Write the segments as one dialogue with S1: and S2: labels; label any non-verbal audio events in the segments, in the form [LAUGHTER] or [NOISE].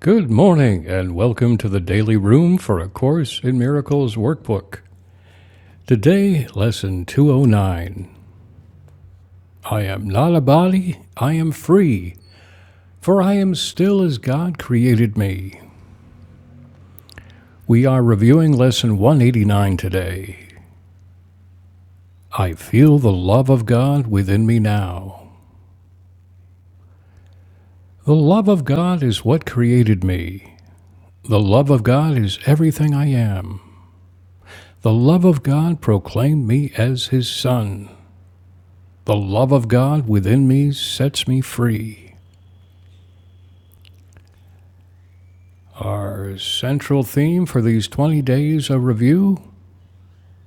S1: Good morning, and welcome to the Daily Room for A Course in Miracles workbook. Today, Lesson 209 I am not a body, I am free, for I am still as God created me. We are reviewing Lesson 189 today. I feel the love of God within me now. The love of God is what created me. The love of God is everything I am. The love of God proclaimed me as His Son. The love of God within me sets me free. Our central theme for these 20 days of review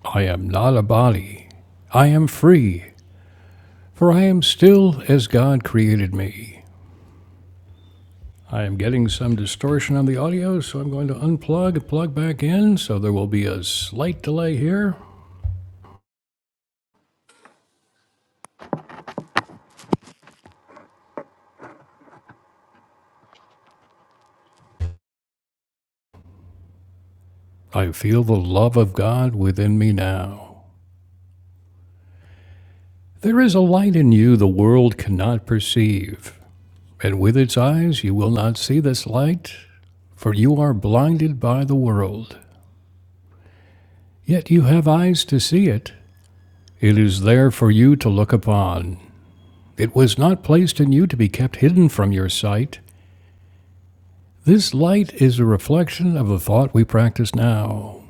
S1: I am not a body. I am free, for I am still as God created me. I am getting some distortion on the audio, so I'm going to unplug, plug back in, so there will be a slight delay here. I feel the love of God within me now. There is a light in you the world cannot perceive. And with its eyes you will not see this light, for you are blinded by the world. Yet you have eyes to see it. It is there for you to look upon. It was not placed in you to be kept hidden from your sight. This light is a reflection of the thought we practice now.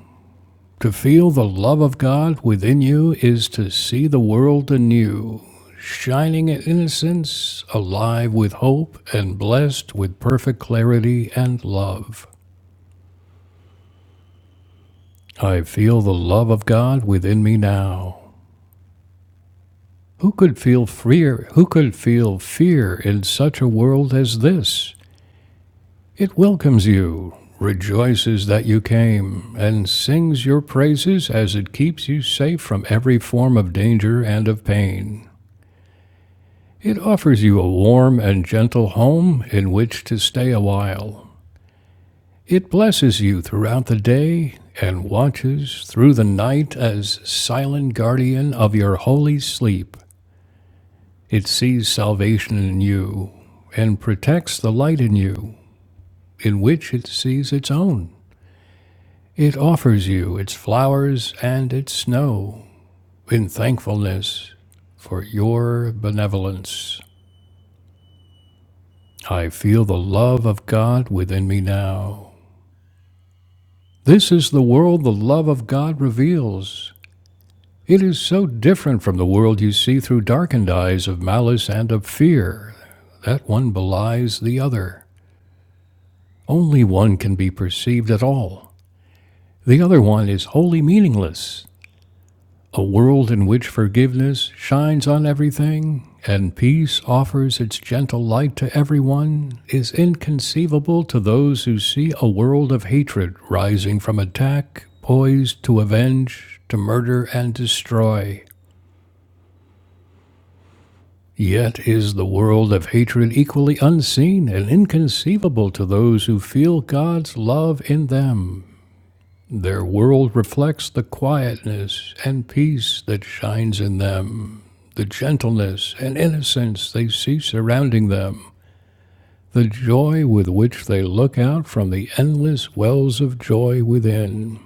S1: To feel the love of God within you is to see the world anew, shining in innocence, alive with hope, and blessed with perfect clarity and love. I feel the love of God within me now. Who could feel freer? Who could feel fear in such a world as this? It welcomes you, rejoices that you came, and sings your praises as it keeps you safe from every form of danger and of pain. It offers you a warm and gentle home in which to stay a while. It blesses you throughout the day and watches through the night as silent guardian of your holy sleep. It sees salvation in you and protects the light in you, in which it sees its own. It offers you its flowers and its snow in thankfulness for your benevolence. I feel the love of God within me now. This is the world the love of God reveals. It is so different from the world you see through darkened eyes of malice and of fear that one belies the other. Only one can be perceived at all. The other one is wholly meaningless. A world in which forgiveness shines on everything and peace offers its gentle light to everyone is inconceivable to those who see a world of hatred rising from attack, poised to avenge, to murder and destroy. Yet is the world of hatred equally unseen and inconceivable to those who feel God's love in them Their world reflects the quietness and peace that shines in them, the gentleness and innocence they see surrounding them, the joy with which they look out from the endless wells of joy within.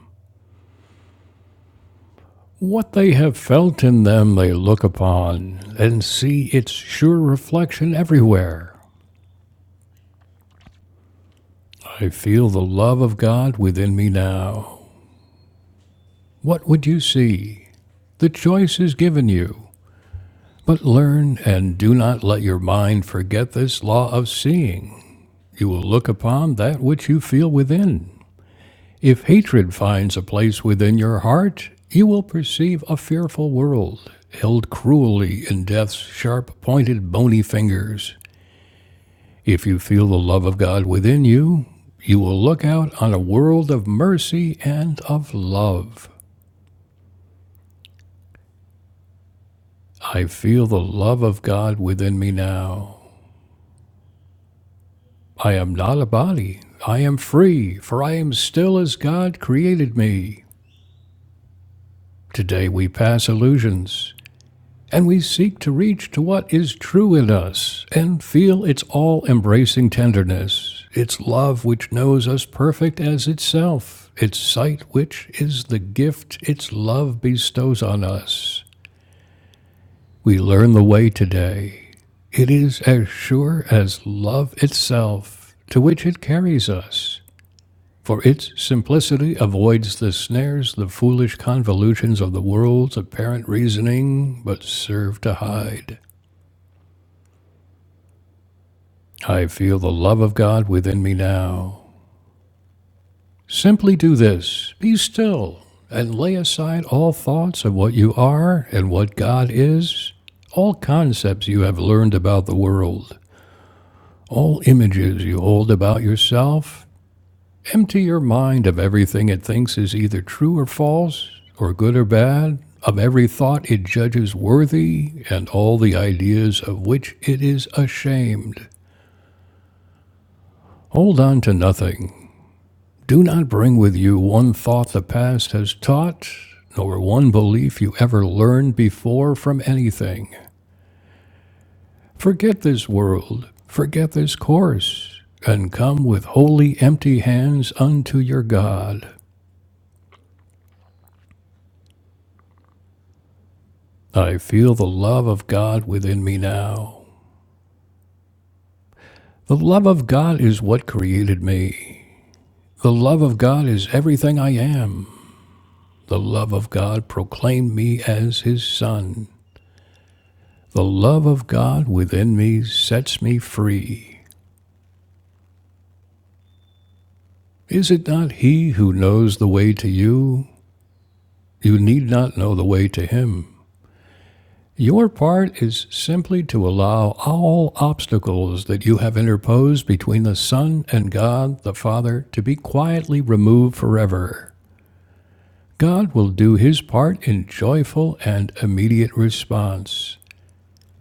S1: What they have felt in them they look upon and see its sure reflection everywhere. I feel the love of God within me now. What would you see? The choice is given you. But learn and do not let your mind forget this law of seeing. You will look upon that which you feel within. If hatred finds a place within your heart, you will perceive a fearful world, held cruelly in death's sharp pointed bony fingers. If you feel the love of God within you, you will look out on a world of mercy and of love. I feel the love of God within me now. I am not a body. I am free, for I am still as God created me. Today we pass illusions, and we seek to reach to what is true in us and feel its all embracing tenderness, its love which knows us perfect as itself, its sight which is the gift its love bestows on us. We learn the way today. It is as sure as love itself, to which it carries us. for its simplicity avoids the snares, the foolish convolutions of the world's apparent reasoning, but serve to hide. I feel the love of God within me now. Simply do this be still, and lay aside all thoughts of what you are and what God is, all concepts you have learned about the world, all images you hold about yourself Empty your mind of everything it thinks is either true or false, or good or bad, of every thought it judges worthy, and all the ideas of which it is ashamed. Hold on to nothing. Do not bring with you one thought the past has taught, nor one belief you ever learned before from anything. Forget this world, forget this course, and come with wholly empty hands unto your God. I feel the love of God within me now. The love of God is what created me. The love of God is everything I am. The love of God proclaimed me as His Son. The love of God within me sets me free. Is it not He who knows the way to you? You need not know the way to Him. Your part is simply to allow all obstacles that you have interposed between the Son and God the Father to be quietly removed forever. God will do his part in joyful and immediate response.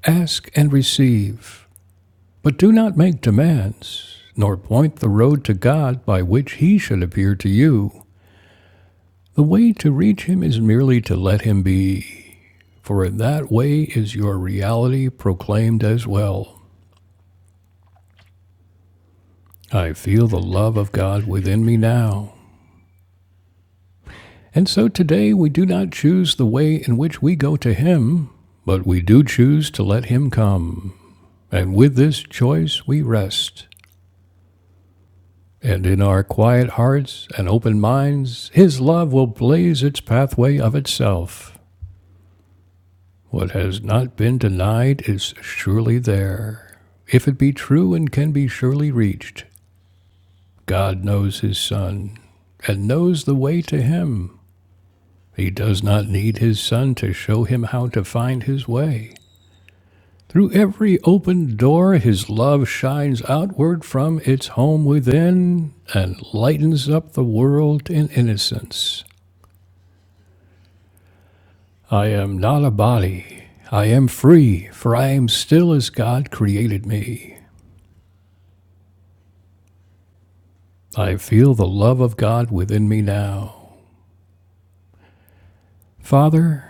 S1: Ask and receive, but do not make demands, nor point the road to God by which he should appear to you. The way to reach him is merely to let him be, for in that way is your reality proclaimed as well. I feel the love of God within me now. And so today we do not choose the way in which we go to Him, but we do choose to let Him come. And with this choice we rest. And in our quiet hearts and open minds, His love will blaze its pathway of itself. What has not been denied is surely there. If it be true and can be surely reached, God knows His Son and knows the way to Him. He does not need his son to show him how to find his way. Through every open door, his love shines outward from its home within and lightens up the world in innocence. I am not a body. I am free, for I am still as God created me. I feel the love of God within me now. Father,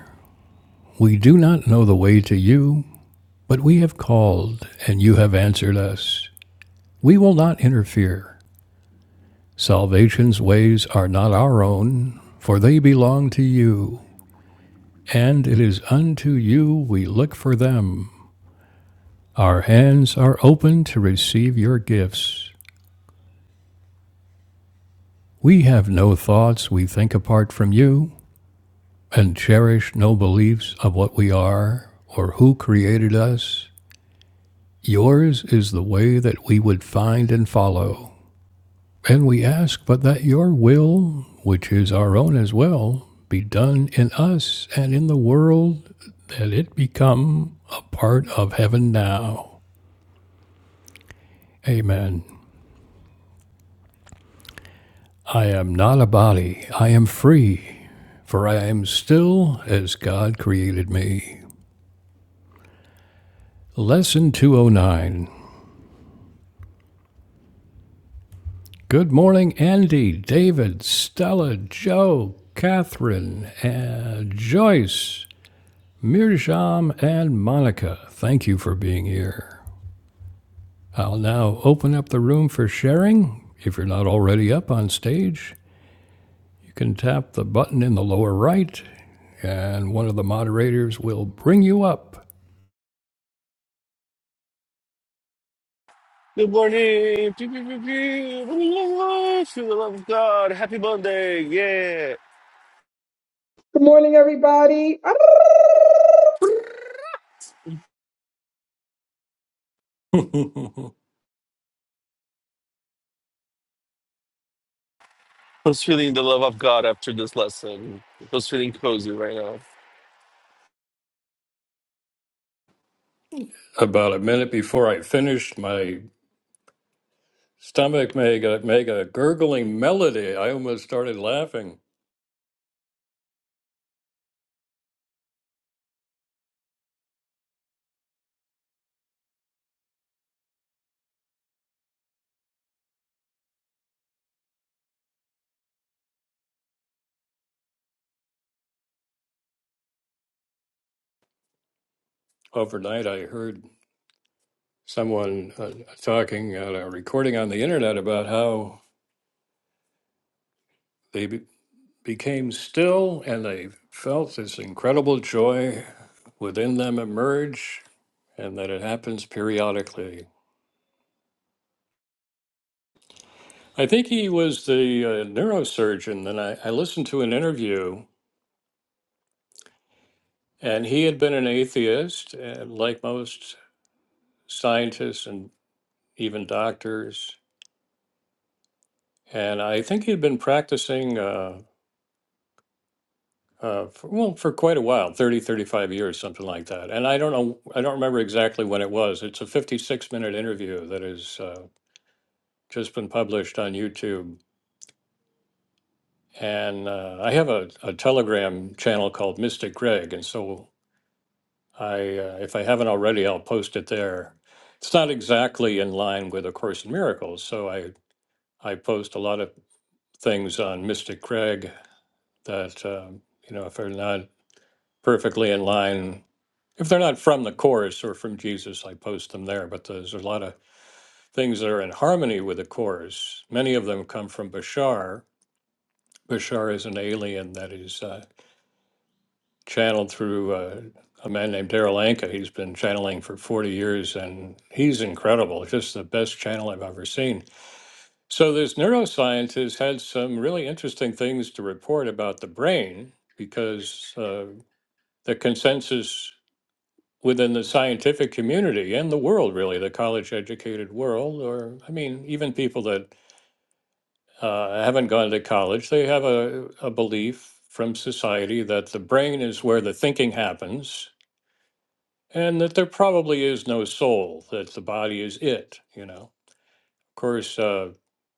S1: we do not know the way to you, but we have called, and you have answered us. We will not interfere. Salvation's ways are not our own, for they belong to you, and it is unto you we look for them. Our hands are open to receive your gifts. We have no thoughts we think apart from you, and cherish no beliefs of what we are or who created us. Yours is the way that we would find and follow. And we ask but that your will, which is our own as well, be done in us and in the world, that it become a part of heaven now. Amen. I am not a body, I am free, for I am still as God created me. Lesson 209. Good morning, Andy, David, Stella, Joe, Catherine, uh, Joyce, Mirjam, and Monica. Thank you for being here. I'll now open up the room for sharing. If you're not already up on stage, you can tap the button in the lower right, and one of the moderators will bring you up.
S2: Good morning. Pew, pew, pew, pew. Hallelujah. Feel the love of God. Happy Monday. Yeah.
S3: Good morning, everybody. I don't-
S1: [LAUGHS] About
S2: I was feeling the love of God after this lesson. I was feeling cozy right now.
S1: a minute before I finished, my stomach made a, made a gurgling melody. I almost started laughing. Overnight, I heard someone uh, talking, uh, recording on the internet about how. they. became still and they felt this incredible joy within them emerge and that it happens periodically. I think he was the uh, neurosurgeon, and I, I listened to an interview, and he had been an atheist, uh, like most scientists and even doctors. And I think he'd been practicing, uh, uh, for, well, for quite a while 30, 35 years, something like that. And I don't know, I don't remember exactly when it was. It's a 56 minute interview that is. uh, just been published on YouTube. And uh, I have a, a Telegram channel called Mystic Greg, and so I, uh, if I haven't already, I'll post it there. It's not exactly in line with A Course in Miracles, so I I post a lot of things on Mystic Greg that um, you know if they're not perfectly in line, if they're not from the Course or from Jesus, I post them there. But there's a lot of things that are in harmony with the Course. Many of them come from Bashar, Bashar is an alien that is uh, channeled through uh, a man named Daryl Anka. He's been channeling for 40 years and he's incredible, just the best channel I've ever seen. So, this neuroscientist has had some really interesting things to report about the brain because uh, the consensus within the scientific community and the world, really, the college educated world, or I mean, even people that uh, haven't gone to college, they have a, a belief from society that the brain is where the thinking happens and that there probably is no soul that the body is it you know of course uh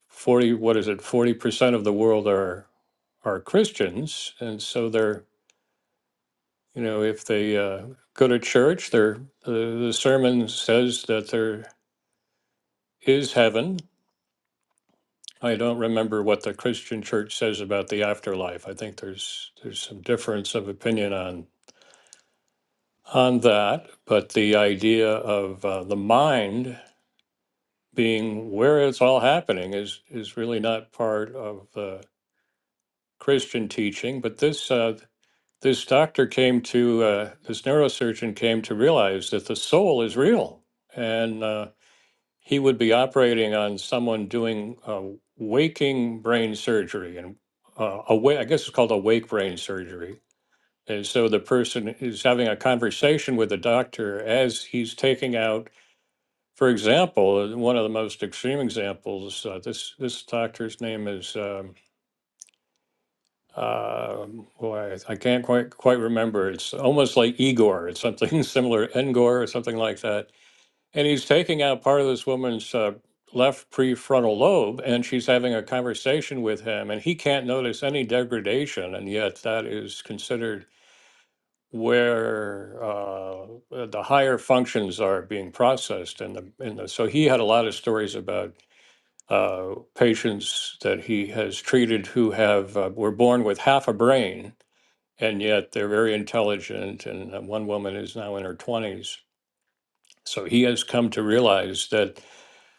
S1: 40 what is it 40% of the world are are christians and so they're you know if they uh, go to church they're the the sermon says that there is heaven i don't remember what the christian church says about the afterlife i think there's there's some difference of opinion on on that but the idea of uh, the mind being where it's all happening is is really not part of the Christian teaching. But this uh, this doctor came to uh, this neurosurgeon came to realize that the soul is real, and uh, he would be operating on someone doing uh, waking brain surgery and uh, awake. I guess it's called awake brain surgery. And so the person is having a conversation with the doctor as he's taking out for example, uh, one of the most extreme examples, uh, this this doctor's name is um, uh, boy, I can't quite quite remember. It's almost like Igor. It's something [LAUGHS] similar, Engor or something like that. And he's taking out part of this woman's uh, left prefrontal lobe, and she's having a conversation with him, and he can't notice any degradation, and yet that is considered where uh, the higher functions are being processed in the in the so he had a lot of stories about uh, patients that he has treated who have uh, were born with half a brain and yet they're very intelligent and uh, one woman is now in her 20s so he has come to realize that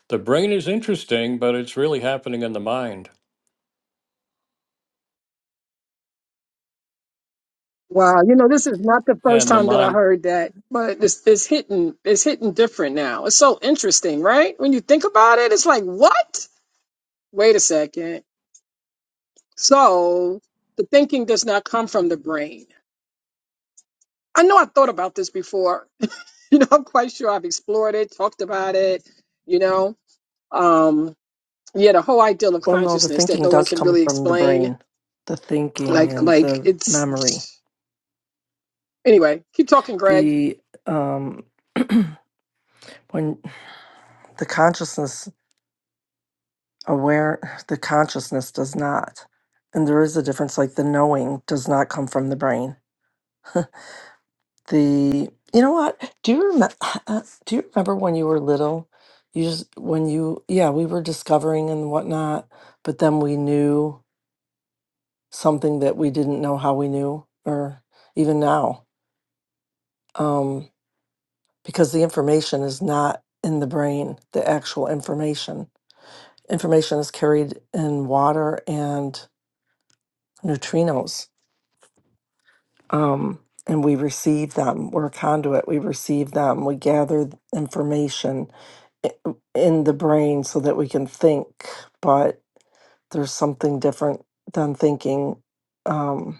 S1: the brain is interesting but it's really happening in the mind
S3: Wow, you know, this is not the first
S1: and the
S3: time that I
S1: mind
S3: heard that, but it's, it's hitting it's hitting different now. It's so interesting, right? When you think about it, it's like, what? Wait a second. So the thinking does not come from the brain. I know I thought about this before. [LAUGHS] you know, I'm quite sure I've explored it, talked about it, you know. Um, yeah, the whole idea of
S4: Well, no, the
S3: consciousness that
S4: thinking
S3: no one
S4: does
S3: can
S4: come
S3: really
S4: from the
S3: explain.
S4: brain, the thinking
S3: Like
S4: and
S3: like
S4: the memory.
S3: it's anyway, keep talking, Greg.
S4: The um when the consciousness aware the consciousness does not. And there is a difference like the knowing does not come from the brain. The you know what? Do you remember [SIGHS] do you remember when you were little? You just when you yeah, we were discovering and whatnot, but then we knew something that we didn't know how we knew or even now. Um, because the information is not in the brain, the actual information. Information is carried in water and neutrinos. Um, and we receive them. We're a conduit. We receive them. We gather information i- in the brain so that we can think, but there's something different than thinking. Um,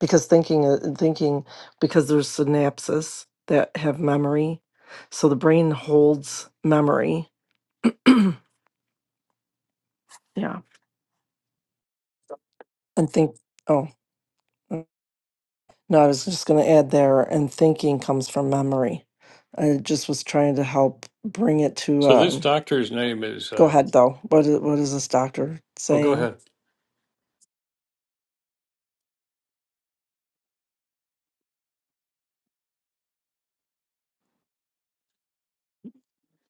S4: because thinking, uh, thinking, because there's synapses that have memory. So the brain holds memory Yeah. And think, oh, uh, no, I was just going to add there, and thinking comes from memory. I just was trying to help bring it to,
S1: so this
S4: um,
S1: doctor's name is
S4: go
S1: uh,
S4: ahead though. What is, what is this doctor
S1: oh go
S4: saying?
S1: ahead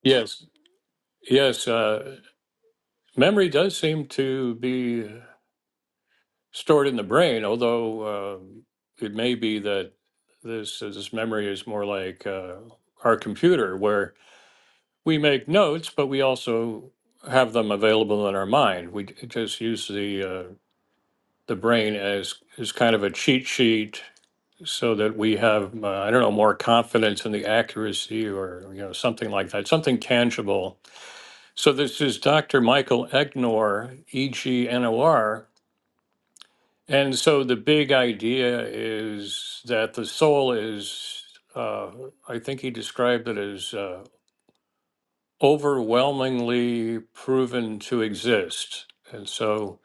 S1: yes yes uh, memory does seem to be stored in the brain, although uh, it may be that this uh, this memory is more like uh, our computer, where we make notes, but we also have them available in our mind. We just use the uh, the brain as as kind of a cheat sheet, so that we have uh, I don't know more confidence in the accuracy or you know something like that, something tangible. So this is Dr. Michael Egnor, E G N O R And so the big idea is that the soul is, uh, I think he described it as uh, overwhelmingly proven to exist. And so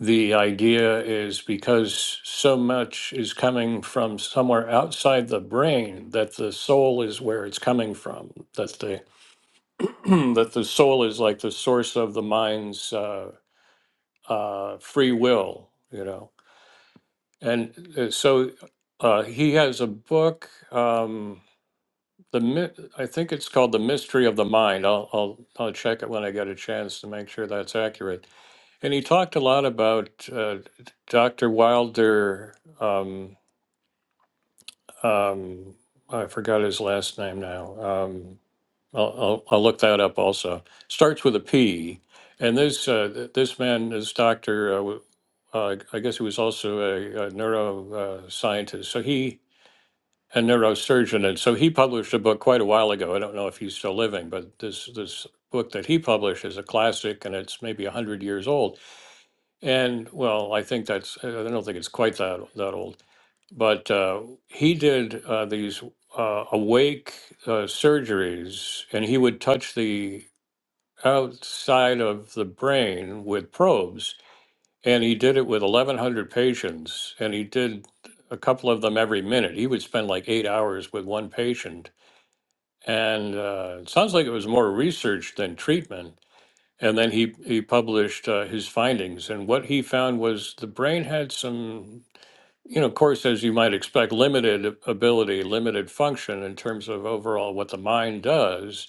S1: the idea is because so much is coming from somewhere outside the brain that the soul is where it's coming from. That the [CLEARS THROAT] that the soul is like the source of the mind's uh, uh, free will, you know And uh, so uh, he has a book. Um, the mi- I think it's called "The Mystery of the Mind." I'll I'll I'll check it when I get a chance to make sure that's accurate. And he talked a lot about uh, Dr. Wilder. Um, um, I forgot his last name now. Um, I'll, I'll I'll look that up. Also starts with a P. And this uh, th- this man is Doctor. Uh, w- uh, I guess he was also a, a neuroscientist. So he a neurosurgeon, and so he published a book quite a while ago. I don't know if he's still living, but this this book that he published is a classic, and it's maybe a hundred years old. And well, I think that's I don't think it's quite that that old, but uh, he did uh, these uh, awake uh, surgeries, and he would touch the outside of the brain with probes, and he did it with eleven hundred patients, and he did a couple of them every minute. He would spend like eight hours with one patient and uh, it sounds like it was more research than treatment. And then he he published uh, his findings, and what he found was the brain had some, you know, of course, as you might expect, limited ability, limited function in terms of overall what the mind does,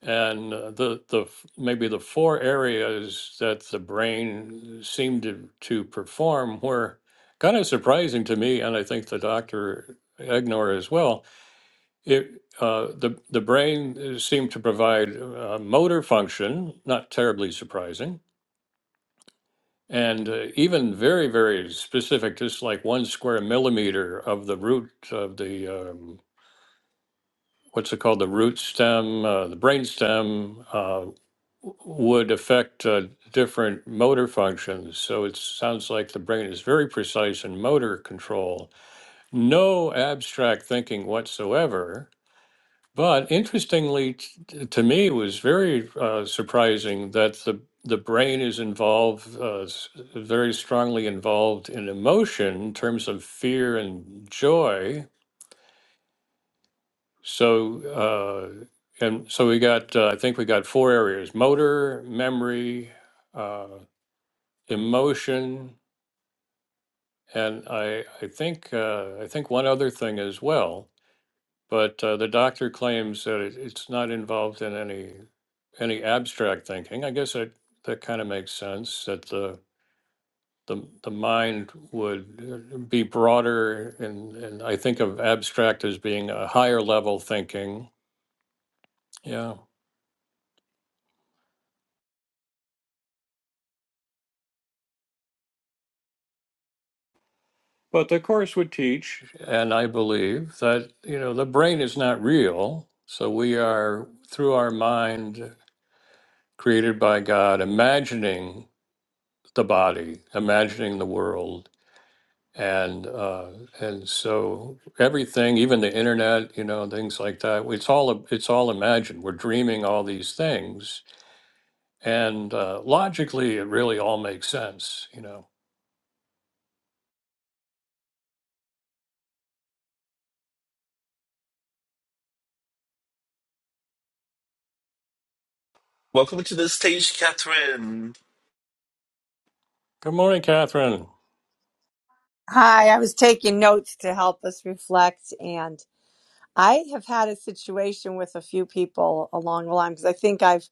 S1: and uh, the the f- maybe the four areas that the brain seemed to to perform were kind of surprising to me, and I think the doctor Egnor as well it, uh, the, the brain uh, seemed to provide uh, motor function, not terribly surprising, and uh, even very, very specific, just like one square millimeter of the root of the, um, what's it called, the root stem, uh, the brain stem, uh, would affect uh, different motor functions. So it sounds like the brain is very precise in motor control. No abstract thinking whatsoever But interestingly, t- to me, it was very uh, surprising that the the brain is involved, uh, s- very strongly involved in emotion in terms of fear and joy. So, uh, and so we got, uh, I think we got four areas: motor, memory, uh, emotion, and I, I think, uh, I think one other thing as well. But uh, the doctor claims that it, it's not involved in any any abstract thinking. I guess that that kind of makes sense that the the, the mind would uh, be broader and, and I think of abstract as being a higher level thinking. Yeah. But the course would teach, and I believe that, you know, the brain is not real. So we are, through our mind created by God, imagining the body, imagining the world and uh, and so everything, even the internet, you know, things like that, it's all it's all imagined. We're dreaming all these things, and uh, logically, it really all makes sense, you know.
S2: Welcome to the stage, Catherine.
S1: Good morning, Catherine.
S5: Hi, I was taking notes to help us reflect. And I have had a situation with a few people along the line because I think I've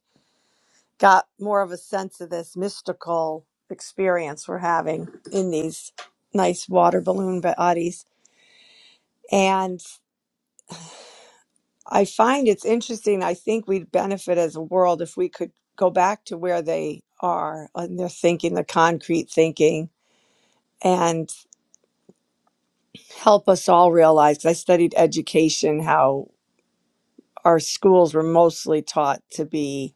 S5: got more of a sense of this mystical experience we're having in these nice water balloon bodies. And I find it's interesting. I think we'd benefit as a world if we could go back to where they are and their thinking, the concrete thinking, and help us all realize. I studied education, how. our schools were mostly taught to be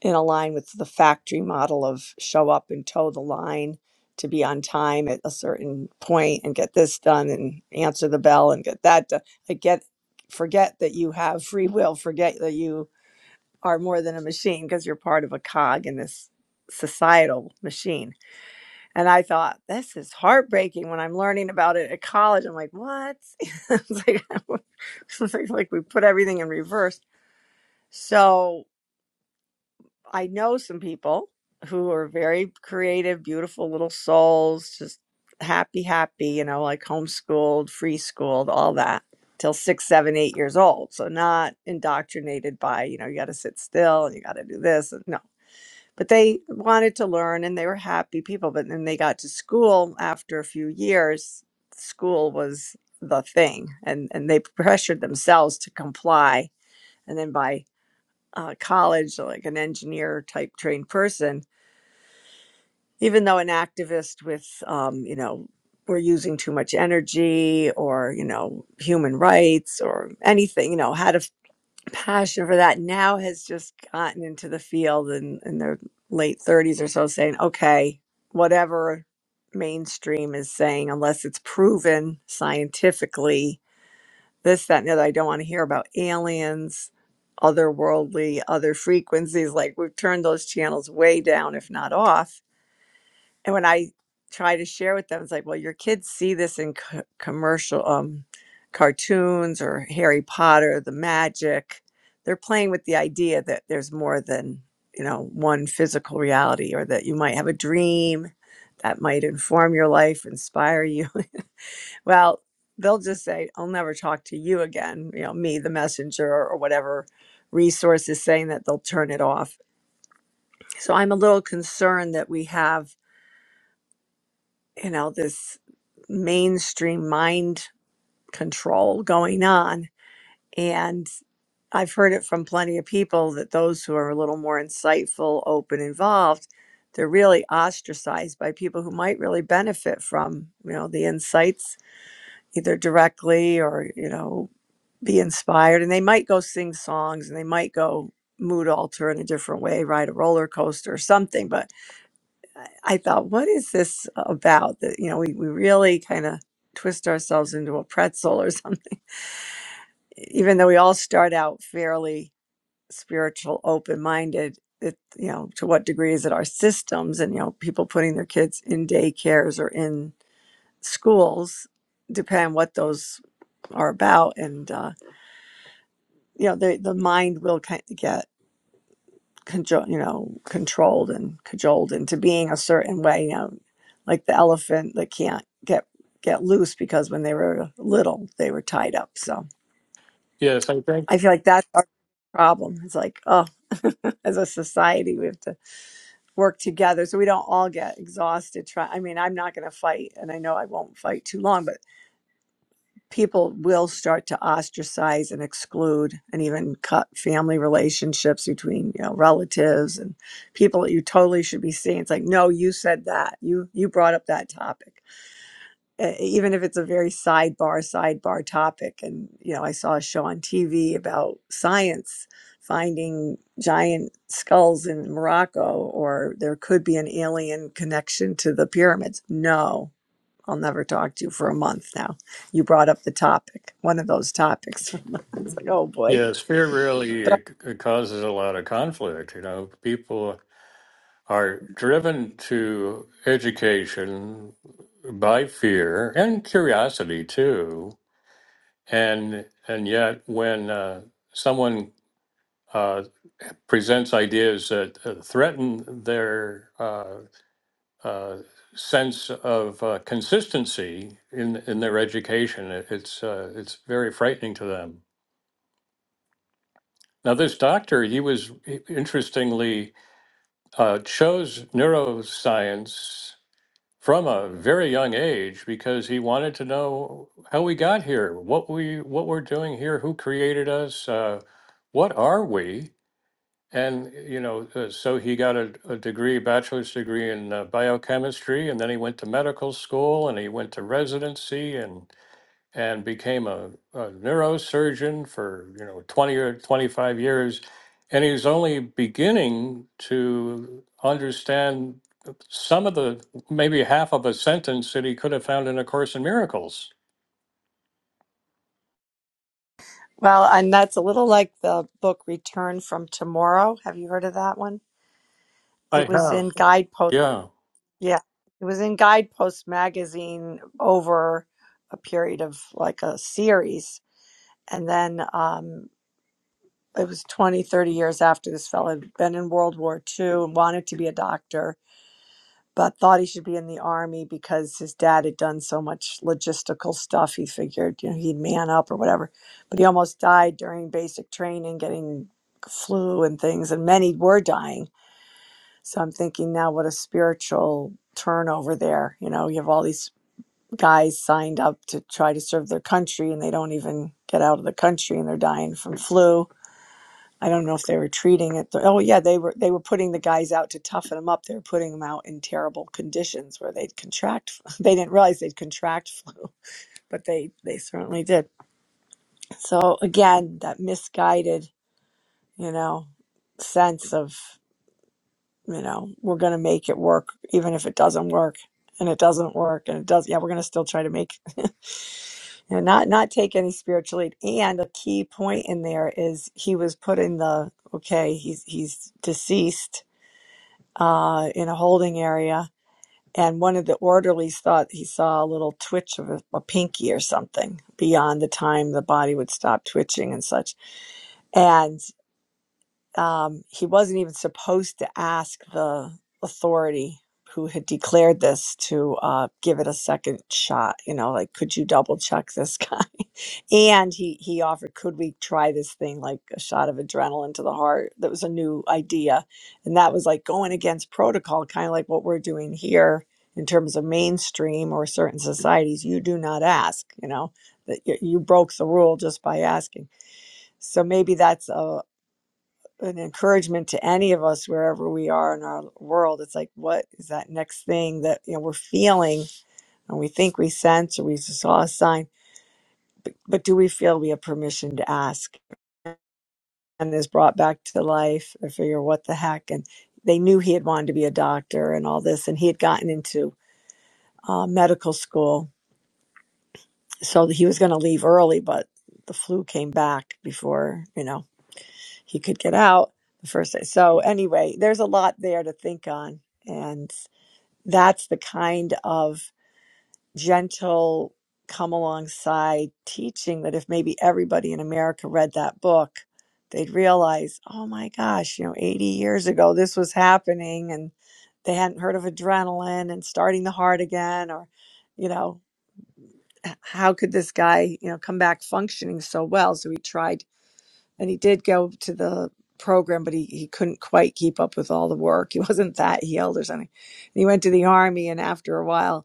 S5: in a line with the factory model of show up and toe the line to be on time at a certain point and get this done and answer the bell and get that done. Like get forget that you have free will, forget that you are more than a machine because you're part of a cog in this societal machine. And I thought, this is heartbreaking when I'm learning about it at college. I'm like, what? [LAUGHS] it's like, [LAUGHS] it's like like we put everything in reverse. So I know some people who are very creative, beautiful little souls, just happy, happy, you know, like homeschooled, free schooled, all that till six, seven, eight years old. So not indoctrinated by, you know, you got to sit still and you got to do this. and- No, but they wanted to learn and they were happy people. But then they got to school after a few years, school was the thing and, and they pressured themselves to comply. And then by uh, college, so, like an engineer type trained person, even though an activist with, um, you know, we're using too much energy or, you know, human rights or anything, you know, had a f- passion for that, now has just gotten into the field in, in their late 30s or so saying, okay, whatever mainstream is saying, unless it's proven scientifically this, that, and the other. I don't want to hear about aliens, otherworldly, other frequencies. Like we've turned those channels way down, if not off. And when I try to share with them, it's like, well, your kids see this in co- commercial um, cartoons or Harry Potter, the magic. They're playing with the idea that there's more than you know one physical reality, or that you might have a dream that might inform your life, inspire you. Well, they'll just say, I'll never talk to you again, you know, me, the messenger, or whatever resource is saying that they'll turn it off. So I'm a little concerned that we have, you know, this mainstream mind control going on. And I've heard it from plenty of people that those who are a little more insightful, open, involved, they're really ostracized by people who might really benefit from, you know, the insights either directly or, you know, be inspired and they might go sing songs and they might go mood alter in a different way ride a roller coaster or something but i thought what is this about that you know we, we really kind of twist ourselves into a pretzel or something [LAUGHS] even though we all start out fairly spiritual open-minded it you know to what degree is it our systems and you know people putting their kids in daycares or in schools depend what those are about and uh, you know the, the mind will kind of get cajol, you know, controlled and cajoled into being a certain way. You know, like the elephant that can't get get loose because when they were little, they were tied up. So
S1: Yes, I think
S5: I feel like that's our problem. It's like, oh, [LAUGHS] as a society, we have to work together so we don't all get exhausted. Try. I mean, I'm not going to fight, and I know I won't fight too long, but people will start to ostracize and exclude and even cut family relationships between you know relatives and people that you totally should be seeing it's like no you said that you you brought up that topic Uh, even if it's a very sidebar sidebar topic and you know i saw a show on tv about science finding giant skulls in morocco or there could be an alien connection to the pyramids no I'll never talk to you for a month now. You brought up the topic, one of those topics. [LAUGHS] it's like, oh boy.
S1: yes, fear really
S5: But,
S1: c- causes a lot of conflict. You know, people are driven to education by fear and curiosity too, and and yet when uh, someone uh, presents ideas that uh, threaten their uh, uh, sense of uh, consistency in in their education. It, it's uh, it's very frightening to them. Now, this doctor, he was he- interestingly uh, chose neuroscience from a very young age because he wanted to know how we got here, what we what we're doing here, who created us, uh, what are we, And you know, uh, so he got a, a degree, bachelor's degree in uh, biochemistry, and then he went to medical school, and he went to residency, and and became a, a neurosurgeon for you know twenty or twenty five years, and he's only beginning to understand some of the maybe half of a sentence that he could have found in A Course in Miracles.
S5: well, and that's a little like the book Return from Tomorrow. Have you heard of that one? It
S1: I
S5: was
S1: have,
S5: in Guidepost.
S1: yeah.
S5: Yeah. It was in Guidepost magazine over a period of like a series. And then um, it was 20, 30 years after this fellow had been in World War Two, and wanted to be a doctor but thought he should be in the army because his dad had done so much logistical stuff. He figured, you know, he'd man up or whatever. But he almost died during basic training, getting flu and things, and many were dying. So I'm thinking now, what a spiritual turnover there. You know, you have all these guys signed up to try to serve their country, and they don't even get out of the country, and they're dying from flu I don't know if they were treating it. th- Oh yeah, they were they were putting the guys out to toughen them up. They were putting them out in terrible conditions where they'd contract. [LAUGHS] They didn't realize they'd contract flu, [LAUGHS] but they they certainly did. So again, that misguided, you know, sense of, you know, we're going to make it work even if it doesn't work. And it doesn't work and it does yeah, we're going to still try to make [LAUGHS] and not not take any spiritual lead. And a key point in there is he was put in the okay, he's he's deceased uh, in a holding area, and one of the orderlies thought he saw a little twitch of a, a pinky or something beyond the time the body would stop twitching and such. and um, he wasn't even supposed to ask the authority who had declared this to uh, give it a second shot. You know, like, could you double check this guy? [LAUGHS] and he he offered, could we try this thing like a shot of adrenaline to the heart? That was a new idea, and that was like going against protocol, kind of like what we're doing here in terms of mainstream or certain societies. You do not ask. You know that you, you broke the rule just by asking. So maybe that's a, an encouragement to any of us wherever we are in our world. It's like, what is that next thing that you know we're feeling and we think we sense or we saw a sign, but, but do we feel we have permission to ask? And is brought back to life. I figure, what the heck? And they knew he had wanted to be a doctor and all this, and he had gotten into uh, medical school, so he was going to leave early, but the flu came back before you know he could get out the first day. So anyway, there's a lot there to think on and that's the kind of gentle come alongside teaching that if maybe everybody in America read that book, they'd realize, oh my gosh, you know, 80 years ago this was happening and they hadn't heard of adrenaline and starting the heart again or you know, h- how could this guy, you know, come back functioning so well? So he tried and he did go to the program but he, he couldn't quite keep up with all the work. [LAUGHS] He wasn't that healed or something. And he went to the army and after a while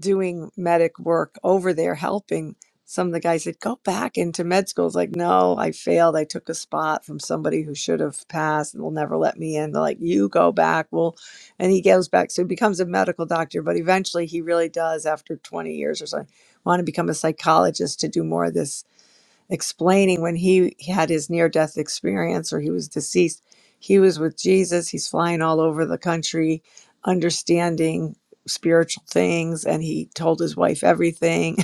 S5: doing medic work over there helping some of the guys said go back into med school it's like no i failed i took a spot from somebody who should have passed and will never let me in they're like you go back well and he goes back so he becomes a medical doctor but eventually he really does after 20 years or so want to become a psychologist to do more of this explaining when he, he had his near death experience or he was deceased, he was with Jesus. He's flying all over the country, understanding spiritual things, and he told his wife everything.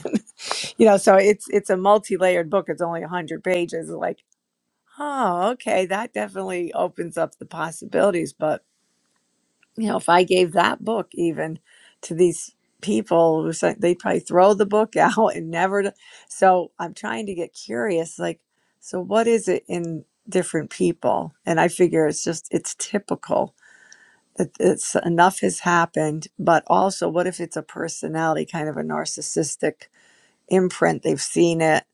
S5: [LAUGHS] you know, so it's it's a multi layered book. It's only a hundred pages. Like, oh, okay, that definitely opens up the possibilities. But you know, if I gave that book even to these people, who say- they'd probably throw the book [LAUGHS] out and never. To, so I'm trying to get curious, like, so what is it in different people? And I figure it's just it's typical. It, it's enough has happened, but also, what if it's a personality, kind of a narcissistic imprint? They've seen it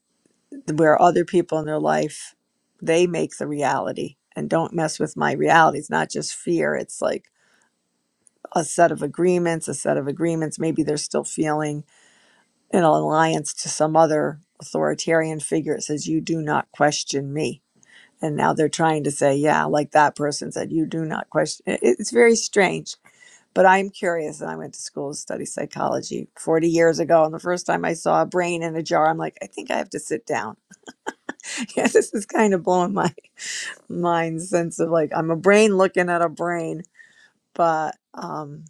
S5: where other people in their life they make the reality and don't mess with my reality. It's not just fear. It's like a set of agreements, a set of agreements. Maybe they're still feeling an alliance to some other authoritarian figure. It says, You do not question me. And now they're trying to say, Yeah, like that person said, You do not question. it- It's very strange. But I'm curious, and I went to school to study psychology 40 years ago. And the first time I saw a brain in a jar, I'm like, I think I have to sit down. [LAUGHS] Yeah, this is kind of blowing my [LAUGHS] mind sense of like, I'm a brain looking at a brain. But um,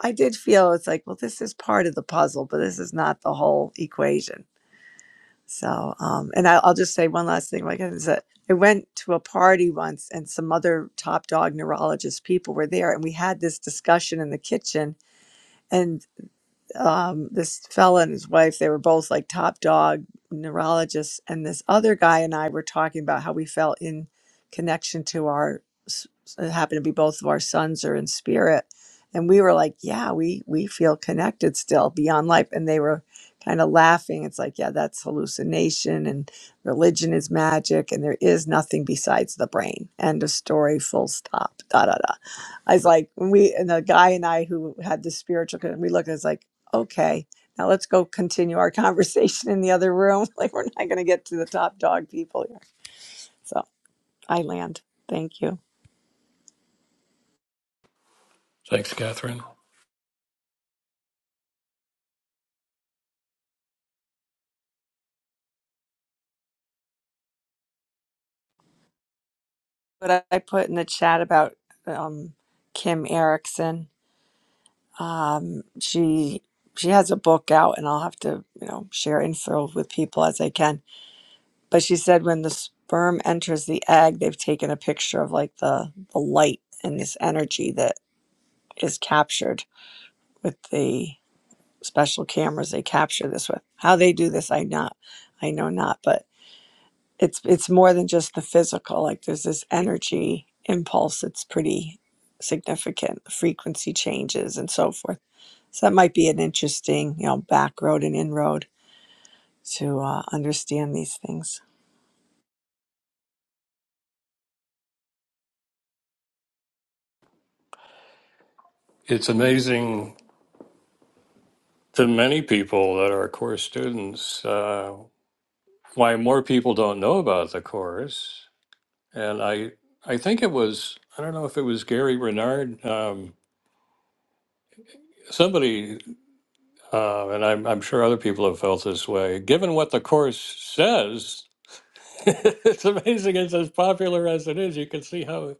S5: I did feel it's like, well, this is part of the puzzle, but this is not the whole equation. So, um, and I, I'll just say one last thing. Like, is that I went to a party once, and some other top dog neurologist people were there, and we had this discussion in the kitchen. And um, this fella and his wife, they were both like top dog neurologists. And this other guy and I were talking about how we felt in connection to our, s- it happened to be both of our sons are in spirit. And we were like, yeah, we, we feel connected still beyond life. And they were kind of laughing. It's like, yeah, that's hallucination and religion is magic and there is nothing besides the brain. End of story, full stop, da da da. I was like, when we, and the guy and I who had the spiritual, con- we looked at it, it's like, Okay. Now let's go continue our [LAUGHS] conversation in the other room. [LAUGHS] Like we're not going to get to the top dog people here. So I land. Thank you.
S1: Thanks, Catherine.
S5: But I I put in the chat about um, Kim Erickson. Um, she she has a book out, and I'll have to you know share info with people as I can. But she said when the sperm enters the egg, they've taken a picture of like the the light and this energy that is captured with the special cameras they capture this with. How they do this, I not, I know not, but it's it's more than just the physical. Like there's this energy impulse that's pretty significant, frequency changes and so forth. So that might be an interesting, you know, back road and inroad to uh, understand these things.
S1: It's amazing to many people that are course students uh, why more people don't know about the course and i i think it was i don't know if it was gary renard um, somebody uh, and I'm, I'm sure other people have felt this way given what the course says [LAUGHS] it's amazing it's as popular as it is you can see how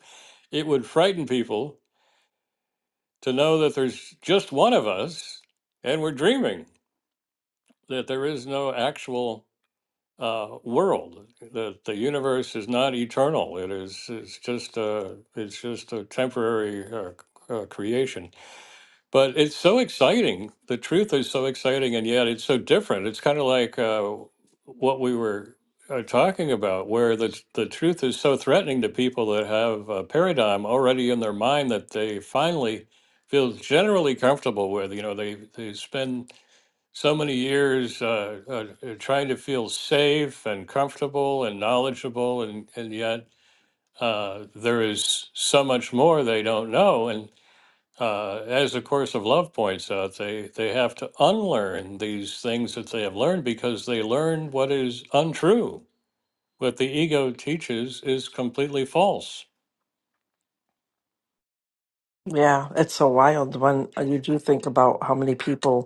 S1: it would frighten people to know that there's just one of us and we're dreaming that there is no actual uh, world. The the universe is not eternal. It is it's just a it's just a temporary uh, uh, creation. But it's so exciting. The truth is so exciting, and yet it's so different. It's kind of like uh, what we were uh, talking about, where the the truth is so threatening to people that have a paradigm already in their mind that they finally feel generally comfortable with. You know, they they spend so many years uh, uh, uh, trying to feel safe and comfortable and knowledgeable, and, and yet uh, there is so much more they don't know. And uh, as the Course of Love points out, they, they have to unlearn these things that they have learned because they learn what is untrue. What the ego teaches is completely false.
S4: Yeah, it's so wild when uh, you do think about how many people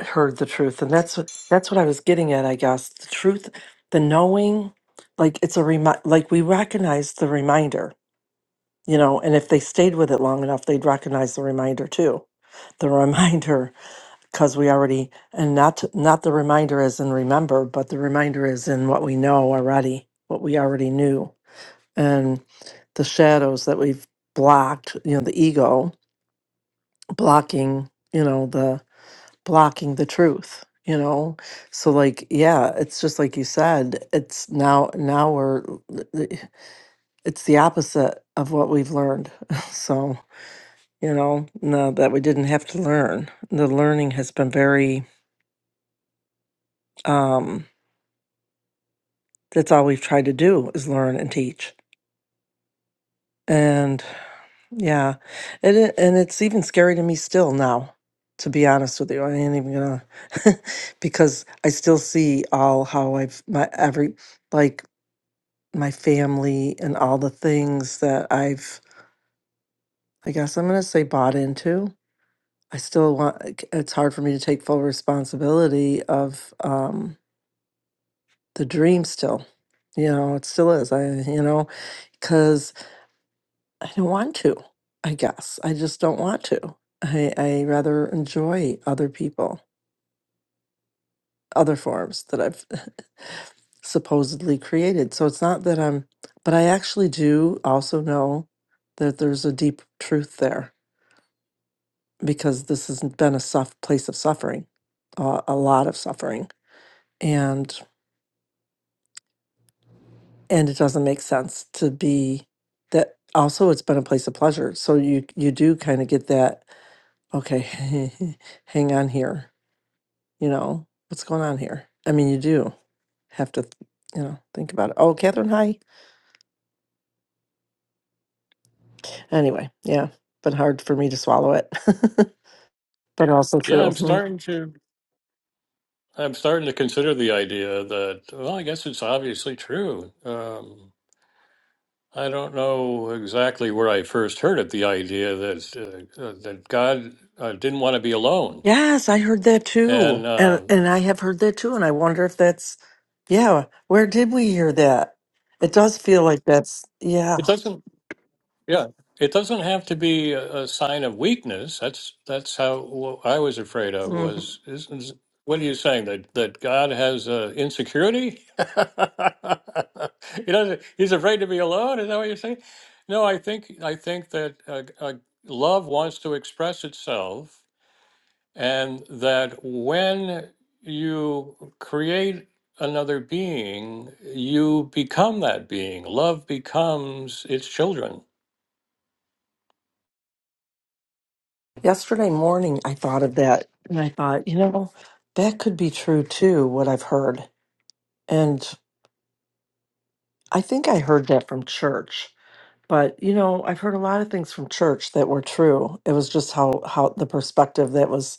S4: heard the truth and that's what that's what i was getting at i guess the truth the knowing like it's a remi- like we recognize the reminder you know and if they stayed with it long enough they'd recognize the reminder too the [LAUGHS] reminder because we already and not not the reminder as in remember but the reminder is in what we know already what we already knew and the shadows that we've blocked you know the ego blocking you know the blocking the truth you know so like yeah it's just like you said it's now now we're eh, it's the opposite of what we've learned [LAUGHS] so you know no that we didn't have to learn the learning has been very um that's all we've tried to do is learn and teach and yeah and it, and it's even scary to me still now to be honest with you i ain't even gonna [LAUGHS] because i still see all how i've my every like my family and all the things that I've, I guess I'm going to say bought into. I still want, it- it's hard for me to take full responsibility of um, the dream still. You know, it still is. I, you know, because I don't want to, I guess. I just don't want to. I, I rather enjoy other people, other forms that I've [LAUGHS] supposedly created. So it's not that I'm, but I actually do also know that there's a deep truth there because this has been a soft place of suffering, uh, a lot of suffering, and and it doesn't make sense to be that. Also, it's been a place of pleasure, so you you do kind of get that. Okay, [LAUGHS] hang on here. You know what's going on here. I mean, you do have to, you know, think about it. Oh, Catherine, hi. Anyway, yeah, been hard for me to swallow it, [LAUGHS] but also
S1: Yeah,
S4: true.
S1: I'm starting to. I'm starting to consider the idea that well, I guess it's obviously true. Um, I don't know exactly where I first heard it, the idea that uh, uh, that God uh, didn't want to be alone,
S4: Yes, I heard that
S1: and
S4: too. And
S1: uh,
S4: and I have heard that too. And I wonder if that's yeah, where did we hear that? It does feel like that's
S1: it
S4: yeah.
S1: doesn't. Yeah, it doesn't have to be a, a sign of weakness. That's that's how what I was afraid of
S4: hmm
S1: was. Is, is, what are you saying that that God has uh, insecurity? [LAUGHS] he doesn't. He's afraid to be alone. Is that what you're saying? No, I think I think that uh, uh, love wants to express itself and that when you create another being, you become that being. Love becomes its children.
S4: Yesterday morning I thought of that and I thought, you know, that could be true too, what I've heard. And I think I heard that from church. But you know, I've heard a lot of things from church that were true. It was just how how the perspective that was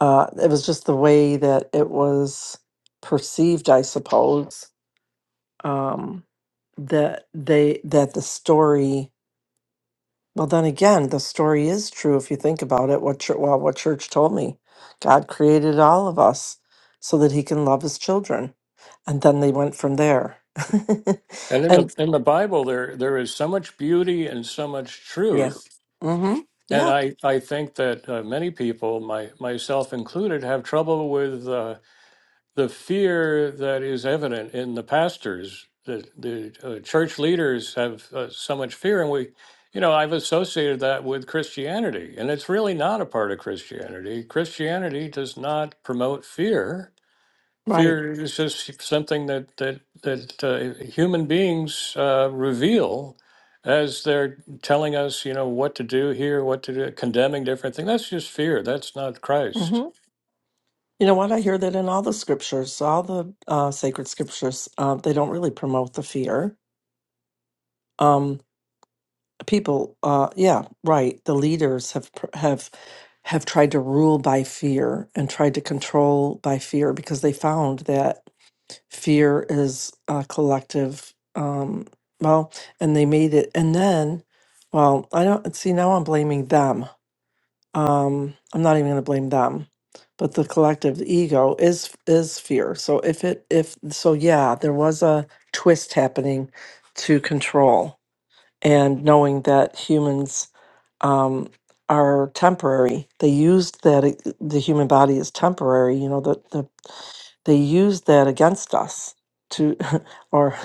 S4: uh it was just the way that it was perceived, I suppose um, that they that the story. Well, then again, the story is true if you think about it. What chur well, what church told me, God created all of us so that He can love His children, and then they went from there.
S1: And
S4: [LAUGHS]
S1: in the
S4: and
S1: in the Bible, there there is so much beauty and so much
S4: yeah,
S1: truth.
S4: mm-hmm,
S1: And
S4: yeah,
S1: I, I think that uh, many people, my myself included, have trouble with. uh, the fear that is evident in the pastors the the uh, church leaders have uh, so much fear and we you know i've associated that with christianity and it's really not a part of christianity christianity does not promote fear
S4: right.
S1: fear is just something that that that uh, human beings uh, reveal as they're telling us you know what to do here what to do condemning different things that's just fear that's not
S4: hmm
S1: christ
S4: You know what? I hear that in all the scriptures, all the uh, sacred scriptures, uh, they don't really promote the fear. Um, people uh yeah right the leaders have pr- have have tried to rule by fear and tried to control by fear because they found that fear is a collective um well and they made it and then well i don't see now i'm blaming them um i'm not even going to blame them but the collective the ego is is fear so if it if so yeah there was a twist happening to control and knowing that humans um, are temporary. They used that it- the human body is temporary. You know that the, they used that against us to, [LAUGHS] or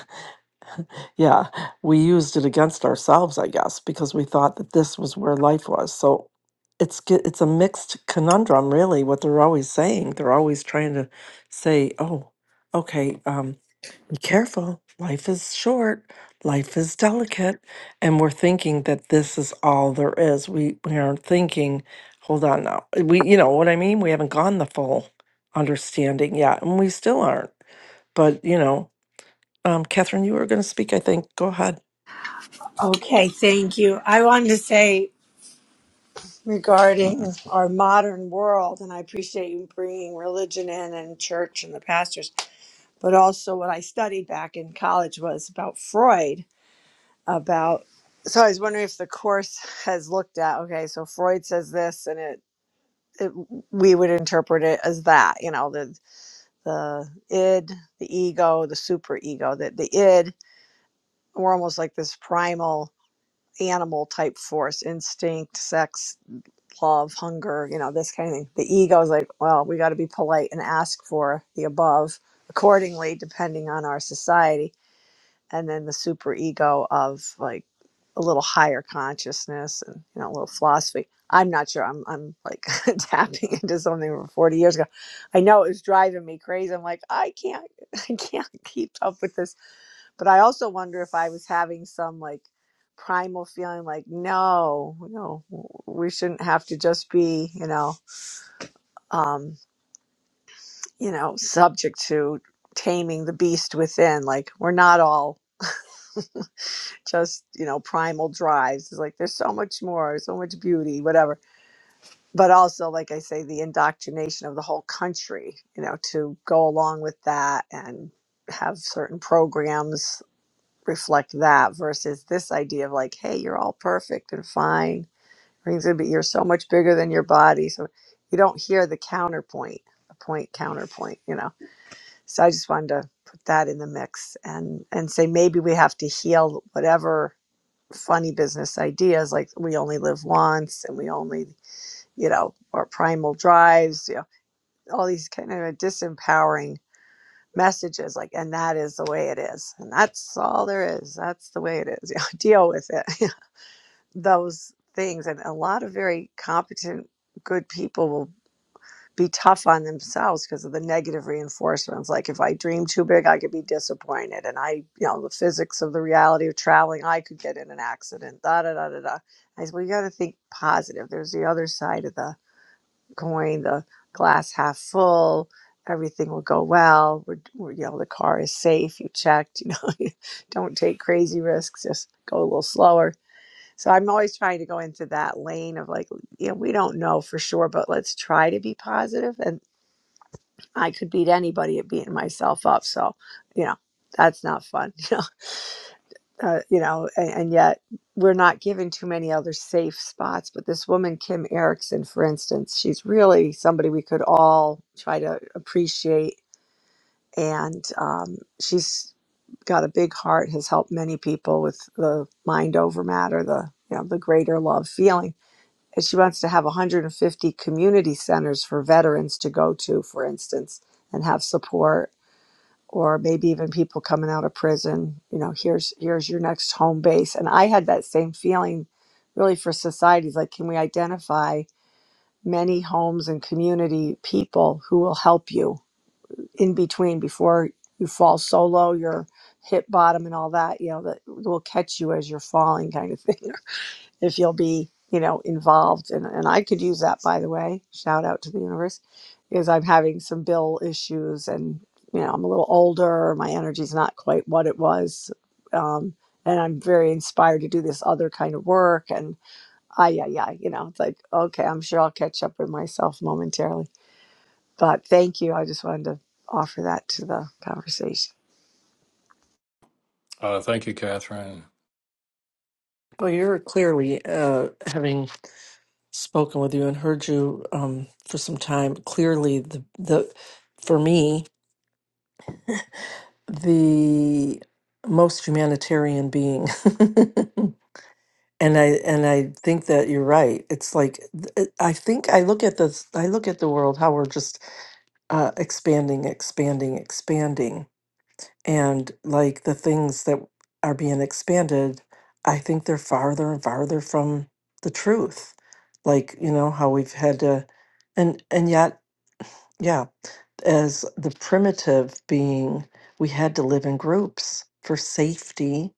S4: yeah, we used it against ourselves, I guess, because we thought that this was where life was. So it's ge- it's a mixed conundrum, really. What they're always saying, they're always trying to say, oh, okay. Um, be careful. Life is short. Life is delicate. And we're thinking that this is all there is. We we aren't thinking, hold on now. We you know what I mean? We haven't gone the full understanding yet. And we still aren't. But you know, um, Catherine, you were gonna speak, I think. Go ahead.
S5: Okay, thank you. I wanted to say regarding our modern world, and I appreciate you bringing religion in and church and the pastors. but also what I studied back in college was about Freud. About so I was wondering if the course [LAUGHS] has looked at okay, so Freud says this, and it, it we would interpret it as that you know the the id, the ego, the super ego. That the id we're almost like this primal animal type force, instinct, sex, love, hunger, you know this kind of thing. The ego is like well, we got to be polite and ask for the above accordingly, depending on our society and then the superego of like a little higher consciousness and you know a little philosophy i'm not sure i'm, I'm like [LAUGHS] tapping into something from 40 years ago i know it was driving me crazy i'm like i can't [LAUGHS] i can't keep up with this but i also wonder if i was having some like primal feeling like no no we shouldn't have to just be you know um you know subject to taming the beast within like we're not all just you know primal drives it's like there's so much more so much beauty whatever but also like i say the indoctrination of the whole country you know to go along with that and have certain programs reflect that versus this idea of like hey you're all perfect and fine Everything's gonna be you're so much bigger than your body so you don't hear the counterpoint the point counterpoint you know so i just wanted to put that in the mix and and say maybe we have to heal whatever funny business ideas like we only live once and we only you know or primal drives you know all these kind of disempowering messages like and that is the way it is and that's all there is that's the way it is you know, [LAUGHS] deal with it [LAUGHS] those things and a lot of very competent good people will be tough on themselves because of the negative reinforcements. Like if I dream too big, I could be disappointed. And I, you know, the physics of the reality of traveling, I could get in an accident. Da da da da da. I said, well, you got to think positive. There's the other side of the coin, the glass half full. Everything will go well. We're, we're, you know, the car is safe. You checked. You know, [LAUGHS] don't take crazy risks. Just go a little slower. So I'm always trying to go into that lane of like, you know, we don't know for sure, but let's try to be positive. And I could beat anybody at beating myself up. So, you know, that's not fun. [LAUGHS] You know, uh, you know, and, and yet we're not given too many other safe spots. But this woman, Kim Erickson, for instance, she's really somebody we could all try to appreciate. And um, she's got a big heart, has helped many people with the mind over matter, the you know, the greater love feeling. And she wants to have 150 community centers for veterans to go to, for instance and have support or maybe even people coming out of prison you know here's here's your next home base and i had that same feeling really for societies like can we identify many homes and community people who will help you in between before you fall solo you're hit bottom and all that you know that will catch you as you're falling kind of thing [LAUGHS] if you'll be you know involved and, and i could use that by the way shout out to the universe because i'm having some bill issues and you know i'm a little older my energy's not quite what it was um, and i'm very inspired to do this other kind of work and ah yeah yeah you know it's like okay i'm sure i'll catch up with myself momentarily but thank you i just wanted to offer that to the conversation
S1: Uh, thank you, Catherine.
S4: Well, you're clearly uh, having spoken with you and heard you um, for some time. Clearly, the the for me the most humanitarian being [LAUGHS] and I and I think that you're right. It's like th- it- I think I look at this. I look at the world how we're just uh, expanding, expanding, expanding, and like the things that are being expanded, I think they're farther and farther from the truth. Like you know how we've had to, and and yet yeah, as the primitive being, we had to live in groups for safety.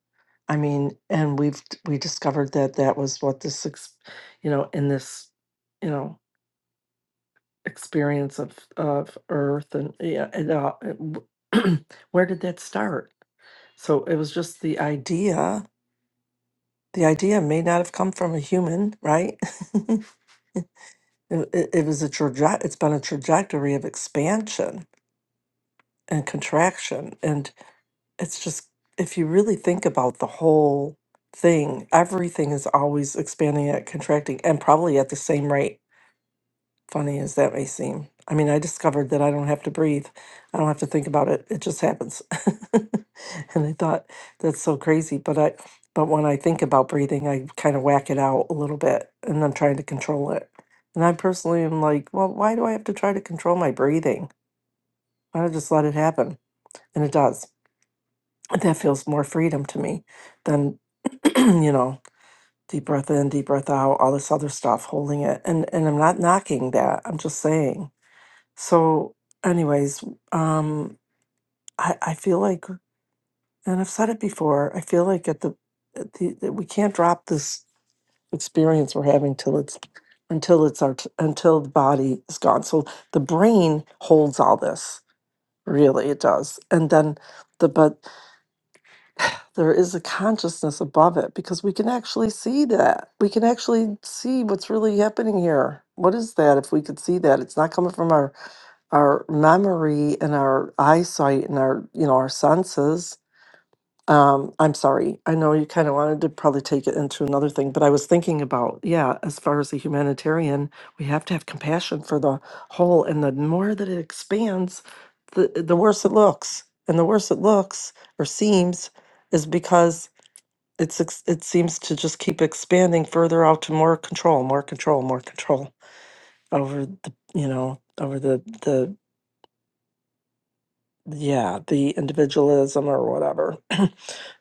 S4: I mean, and we've we discovered that that was what this, ex- you know, in this, you know, experience of of Earth and yeah, and, uh, it w- [CLEARS THROAT] where did that start? So it was just the idea. The idea may not have come from a human, right? [LAUGHS] it, it it was a traje- It's been a trajectory of expansion and contraction, and. it's just if you really think about the whole thing, everything is always expanding and contracting and probably at the same rate. Funny as that may seem. I mean, I discovered that I don't have to breathe. I don't have to think about it. It just happens. [LAUGHS] and I thought that's so crazy, but I but when I think about breathing, I kind of whack it out a little bit and I'm trying to control it. And I personally am like, well, why do I have to try to control my breathing? Why don't I just let it happen? And it does that feels more freedom to me than [CLEARS THROAT] you know deep breath in deep breath out all this other stuff holding it and and i'm not knocking that i'm just saying so anyways um i i feel like and i've said it before i feel like at the, at the that we can't drop this experience we're having till it's until it's our t- until the body is gone so the brain holds all this really it does and then the but. there is a consciousness above it because we can actually see that. We can actually see what's really happening here. What is that if we could see that? It's not coming from our our memory and our eyesight and our, you know, our senses. Um, I'm sorry. I know you kind of wanted to probably take it into another thing, but I was thinking about, yeah, as far as a humanitarian, we have to have compassion for the whole and the more that it expands, the the worse it looks. And the worse it looks or seems is because it's ex- it seems to just keep expanding further out to more control, more control, more control over the you know over the the yeah the individualism or whatever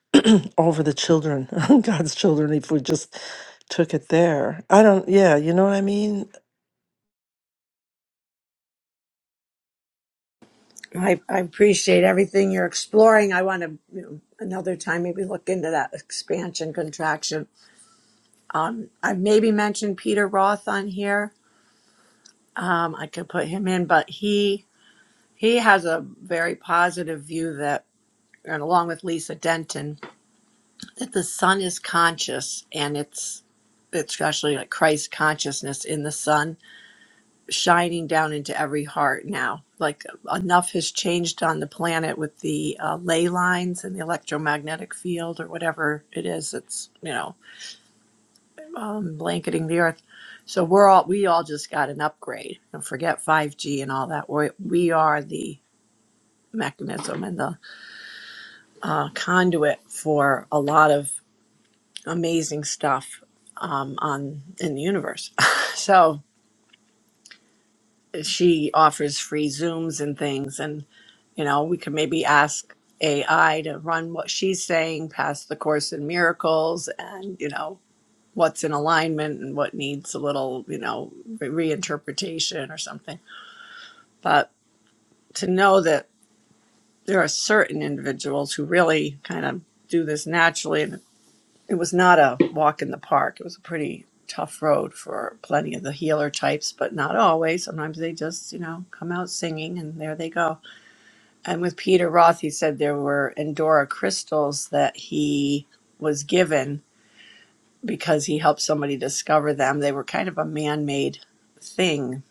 S4: [CLEARS THROAT] over the children, [LAUGHS] God's children. If we just took it there, I don't. Yeah, you know what I mean.
S5: I, I appreciate everything you're exploring. I want to, you know, another time maybe look into that expansion contraction. Um, I maybe mentioned Peter Roth on here. Um, I could put him in, but he he has a very positive view that, and along with Lisa Denton, that the sun is conscious and it's it's actually like Christ consciousness in the sun shining down into every heart now. Like enough has changed on the planet with the uh, ley lines and the electromagnetic field or whatever it is that's you know um, blanketing the earth. So we're all we all just got an upgrade. And forget 5G and all that. We we are the mechanism and the uh, conduit for a lot of amazing stuff um, on in the universe. [LAUGHS] so she offers free Zooms and things, and you know we can maybe ask AI to run what she's saying past the Course in Miracles, and you know what's in alignment and what needs a little you know re- reinterpretation or something. But to know that there are certain individuals who really kind of do this naturally, and it was not a walk in the park. It was a pretty tough road for plenty of the healer types, but not always. Sometimes they just you know come out singing, and there they go And with Peter Roth, he said there were Endora crystals that he was given because he helped somebody discover them. They were kind of a man made thing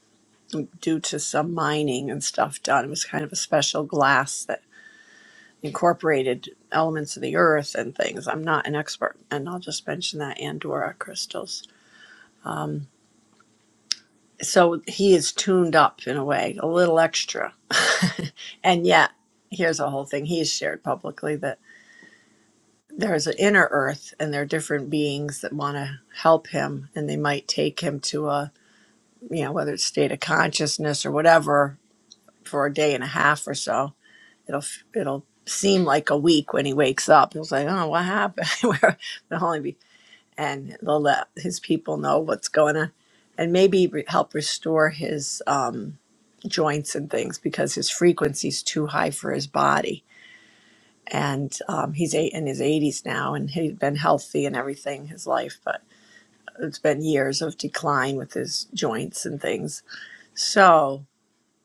S5: due to some mining and stuff done. It was kind of a special glass that incorporated elements of the earth and things. I'm not an expert, and I'll just mention that Andorra crystals. Um, so he is tuned up in a way, a little extra. [LAUGHS] and yet, here's a whole thing he's shared publicly that. there's an inner earth and there are different beings that want to help him and they might take him to a you know whether it's state of consciousness or whatever for a day and a half or so it'll it'll seem like a week when he wakes up he'll say oh what happened [LAUGHS] where the only be and they'll let his people know what's going on and maybe re- help restore his um joints and things because his frequency's too high for his body and um, he's eight in his 80s now and he'd been healthy and everything his life but it's been years of decline with his joints and things so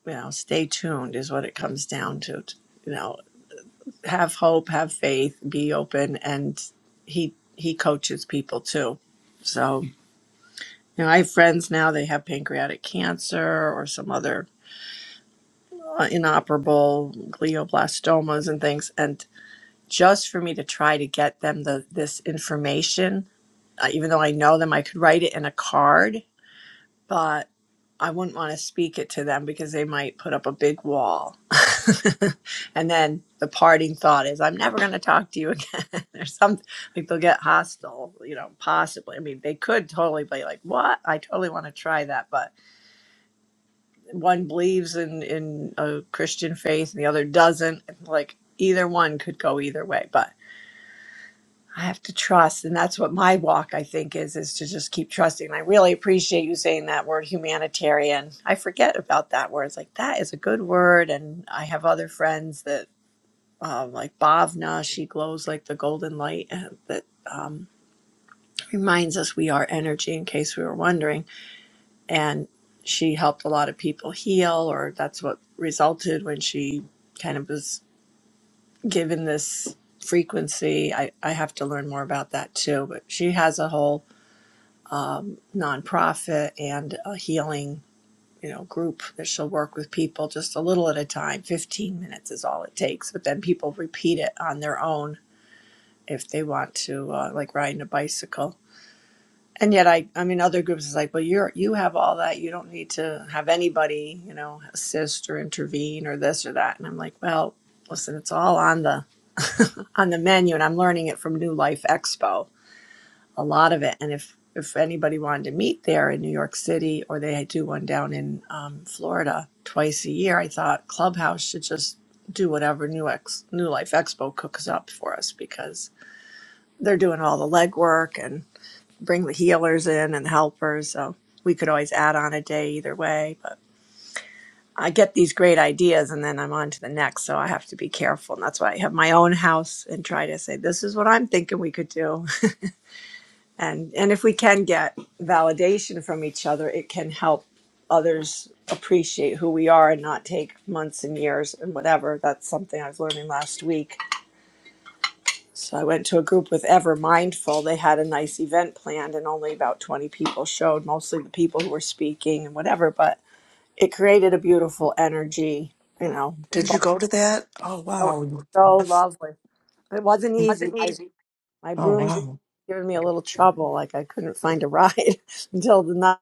S5: you know stay tuned is what it comes down to you know have hope have faith be open and he he coaches people too so you know i have friends now they have pancreatic cancer or some other uh, inoperable glioblastomas and things and just for me to try to get them the this information uh, even though I know them, I could write it in a card, but I wouldn't want to speak it to them because they might put up a big wall. [LAUGHS] and then the parting thought is, I'm never going to talk to you again, [LAUGHS] or something like they'll get hostile, you know, possibly. I mean, they could totally be like, What? I totally want to try that. But one believes in, in a Christian faith and the other doesn't. Like, either one could go either way. But I have to trust, and that's what my walk I think is is to just keep trusting. And I really appreciate you saying that word humanitarian. I forget about that word. It's like that is a good word, and I have other friends that um, like Bhavna. She glows like the golden light uh, that um, reminds us we are energy. In case we were wondering, and she helped a lot of people heal, or that's what resulted when she kind of was given this frequency. I, I have to learn more about that too, but she has a whole um, nonprofit and a healing you know group that she'll work with people just a little at a time 15 minutes is all it takes but then people repeat it on their own if they want to uh, like riding a bicycle and yet i i mean other groups is like well you're you have all that you don't need to have anybody you know assist or intervene or this or that and i'm like well listen it's all on the [LAUGHS] on the menu and i'm learning it from new life expo a lot of it. And if if anybody wanted to meet there in New York City or they do one down in um, Florida twice a year, I thought Clubhouse should just do whatever New Ex New Life Expo cooks up for us because they're doing all the legwork and bring the healers in and the helpers. So we could always add on a day either way, but. I get these great ideas and then I'm on to the next. So I have to be careful. And that's why I have my own house and try to say, this is what I'm thinking we could do. and and if we can get validation from each other it can help others appreciate who we are and not take months and years and whatever that's something i was learning last week so i went to a group with ever mindful they had a nice event planned and only about 20 people showed mostly the people who were speaking and whatever but it created a beautiful energy you know
S4: Did you go to that? Oh
S5: oh it's
S4: wow, you-
S5: so
S4: that's
S5: lovely it wasn't easy
S4: Wasn't
S5: my,
S4: easy.
S5: my
S4: oh
S5: broom's
S4: I did. wow.
S5: giving me a little trouble like i couldn't find a ride [LAUGHS] until the night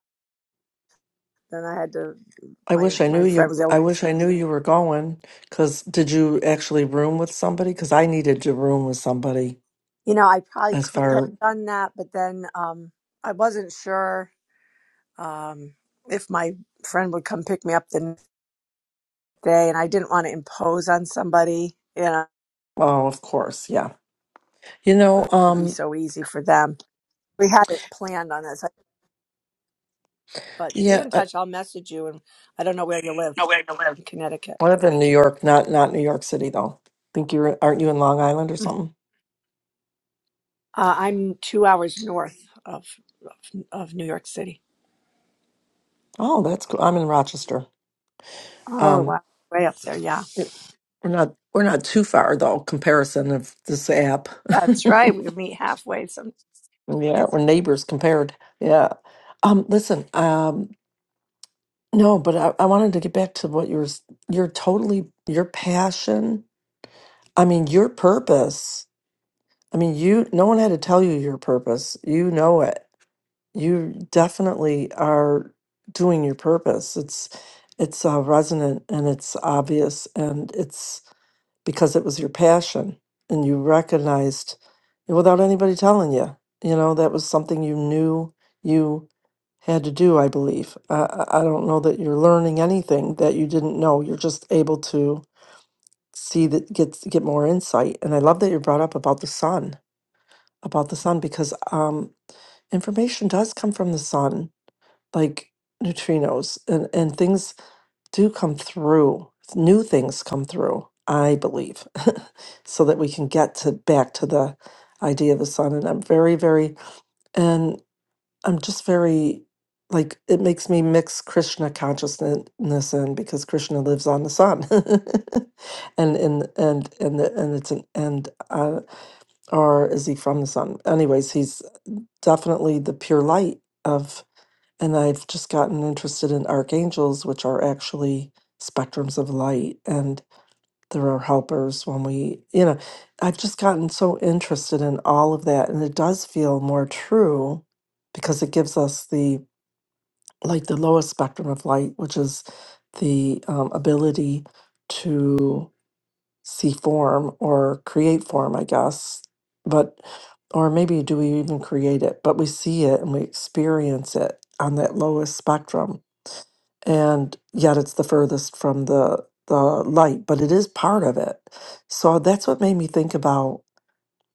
S5: then I had to
S4: I
S5: my
S4: wish I knew
S5: my friend
S4: you.
S5: was
S4: I
S5: like,
S4: wish I knew you were going. Cause did you actually room with somebody? Cause I needed to room with somebody
S5: you know, I probably
S4: as
S5: could have
S4: far
S5: done that, but then um I wasn't sure um if my friend would come pick me up the next day and I didn't want to impose on somebody, you know, it
S4: oh of course yeah you know
S5: would be
S4: um
S5: so easy for them. We had it planned on this. But be
S4: yeah
S5: in
S4: uh,
S5: touch, I'll message you and I don't know where you live
S4: no way to live
S5: in Connecticut.
S4: i live in new york not not new york city though think you're aren't you in long island or something
S5: Uh, I'm two hours north of of New York City.
S4: oh that's cool i'm in rochester
S5: Oh
S4: um
S5: wow. Way up there, yeah.
S4: it- we're not we're not too far though comparison of this app [LAUGHS]
S5: That's right.
S4: yeah
S5: We meet halfway sometime.
S4: we're neighbors compared yeah um listen um no but I, I wanted to get back to what you were s- you're totally your passion i mean your purpose I mean, you, no one had to tell you your purpose. You know it. You definitely are doing your purpose. It's, it's uh, resonant and it's obvious and it's because it was your passion and you recognized it without anybody telling you. You know, that was something you knew you had to do, I believe. Uh, I I don't know that you're learning anything that you didn't know. You're just able to see that, get, get more insight. And I love that you brought up about the sun about the sun because um, information does come from the sun, like neutrinos, and, and things do come through. New things come through, I believe, [LAUGHS] so that we can get to back to the idea of the sun. And I'm very, very, and I'm just very, like, it makes me mix Krishna consciousness in because Krishna lives on the sun, [LAUGHS] and and and and the, and it's an and uh, or is he from the sun? Anyways, he's definitely the pure light of and i've just gotten interested in archangels which are actually spectrums of light and there are helpers when we you know i've just gotten so interested in all of that and it does feel more true because it gives us the like the lowest spectrum of light which is the um, ability to see form or create form, I guess. But, or maybe do we even create it? But we see it and we experience it on that lowest spectrum. And yet it's the furthest from the, the light, but it is part of it. So that's what made me think about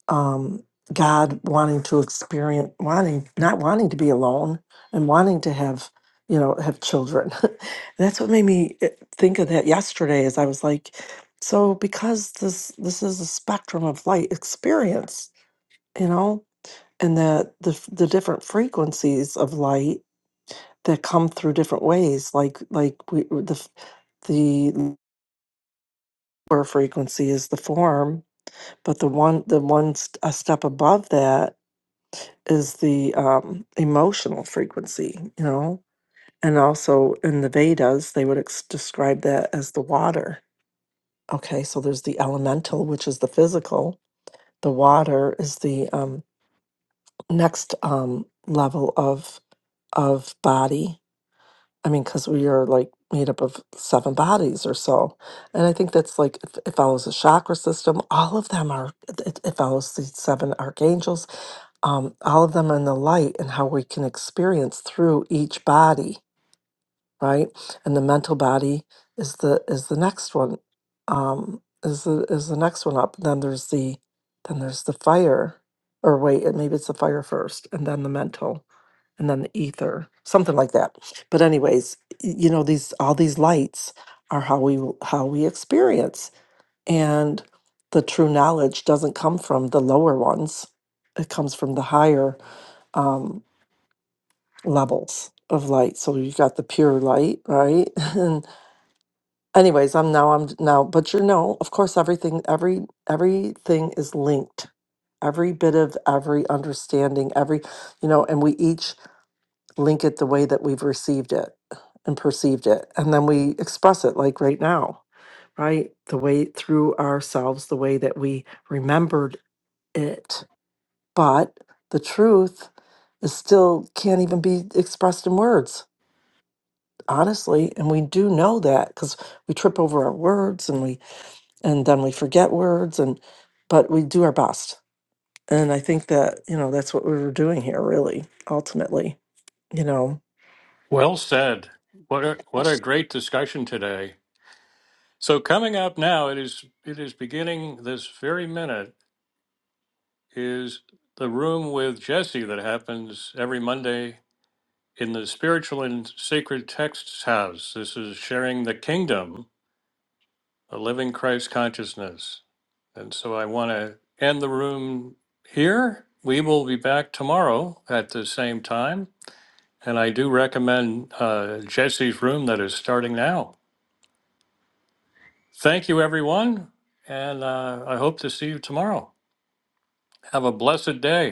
S4: um, God wanting to experience, wanting not wanting to be alone and wanting to have, you know, have children. [LAUGHS] That's what made me eh, think of that yesterday. Is I was like, so because this this is a spectrum of light experience, you know, and that the f- the different frequencies of light that come through different ways, like like we the f- the lower frequency is the form, but the one the one st- a step above that is the um, emotional frequency, you know? And also in the Vedas, they would ex- describe that as the water. Okay, so there's the elemental, which is the physical. The water is the um, next um, level of of body. I mean, because we are like made up of seven bodies or so, and I think that's like it, it follows the chakra system. All of them are it, it follows the seven archangels um, all of them are in the light and how we can experience through each body, right? And the mental body is the is the next one, um, is the is the next one up. Then there's the then there's the fire, or wait, it- maybe it's the fire first, and then the mental, and then the ether, something like that. But anyways, y- you know these all these lights are how we will- how we experience, and the true knowledge doesn't come from the lower ones; it comes from the higher um, levels of light. So you've got the pure light, right? [LAUGHS] And anyways, I'm now I'm now, but you know, of course, everything, every everything is linked. Every bit of every understanding, every you know, and we each link it the way that we've received it and perceived it, and then we express it like right now, right? The way through ourselves, the way that we remembered it, but the truth is still can't even be expressed in words honestly and we do know that because we trip over our words and we and then we forget words and but we do our best and i think that you know that's what we were doing here really ultimately you know
S1: Well said. What a, what a great discussion today. So coming up now, it is it is beginning this very minute is the room with Jesse that happens every Monday in the spiritual and sacred texts house. This is sharing the kingdom, a living Christ consciousness. And so I want to end the room here. We will be back tomorrow at the same time. And I do recommend uh, Jesse's room that is starting now. Thank you, everyone. And uh, I hope to see you tomorrow. Have a blessed day.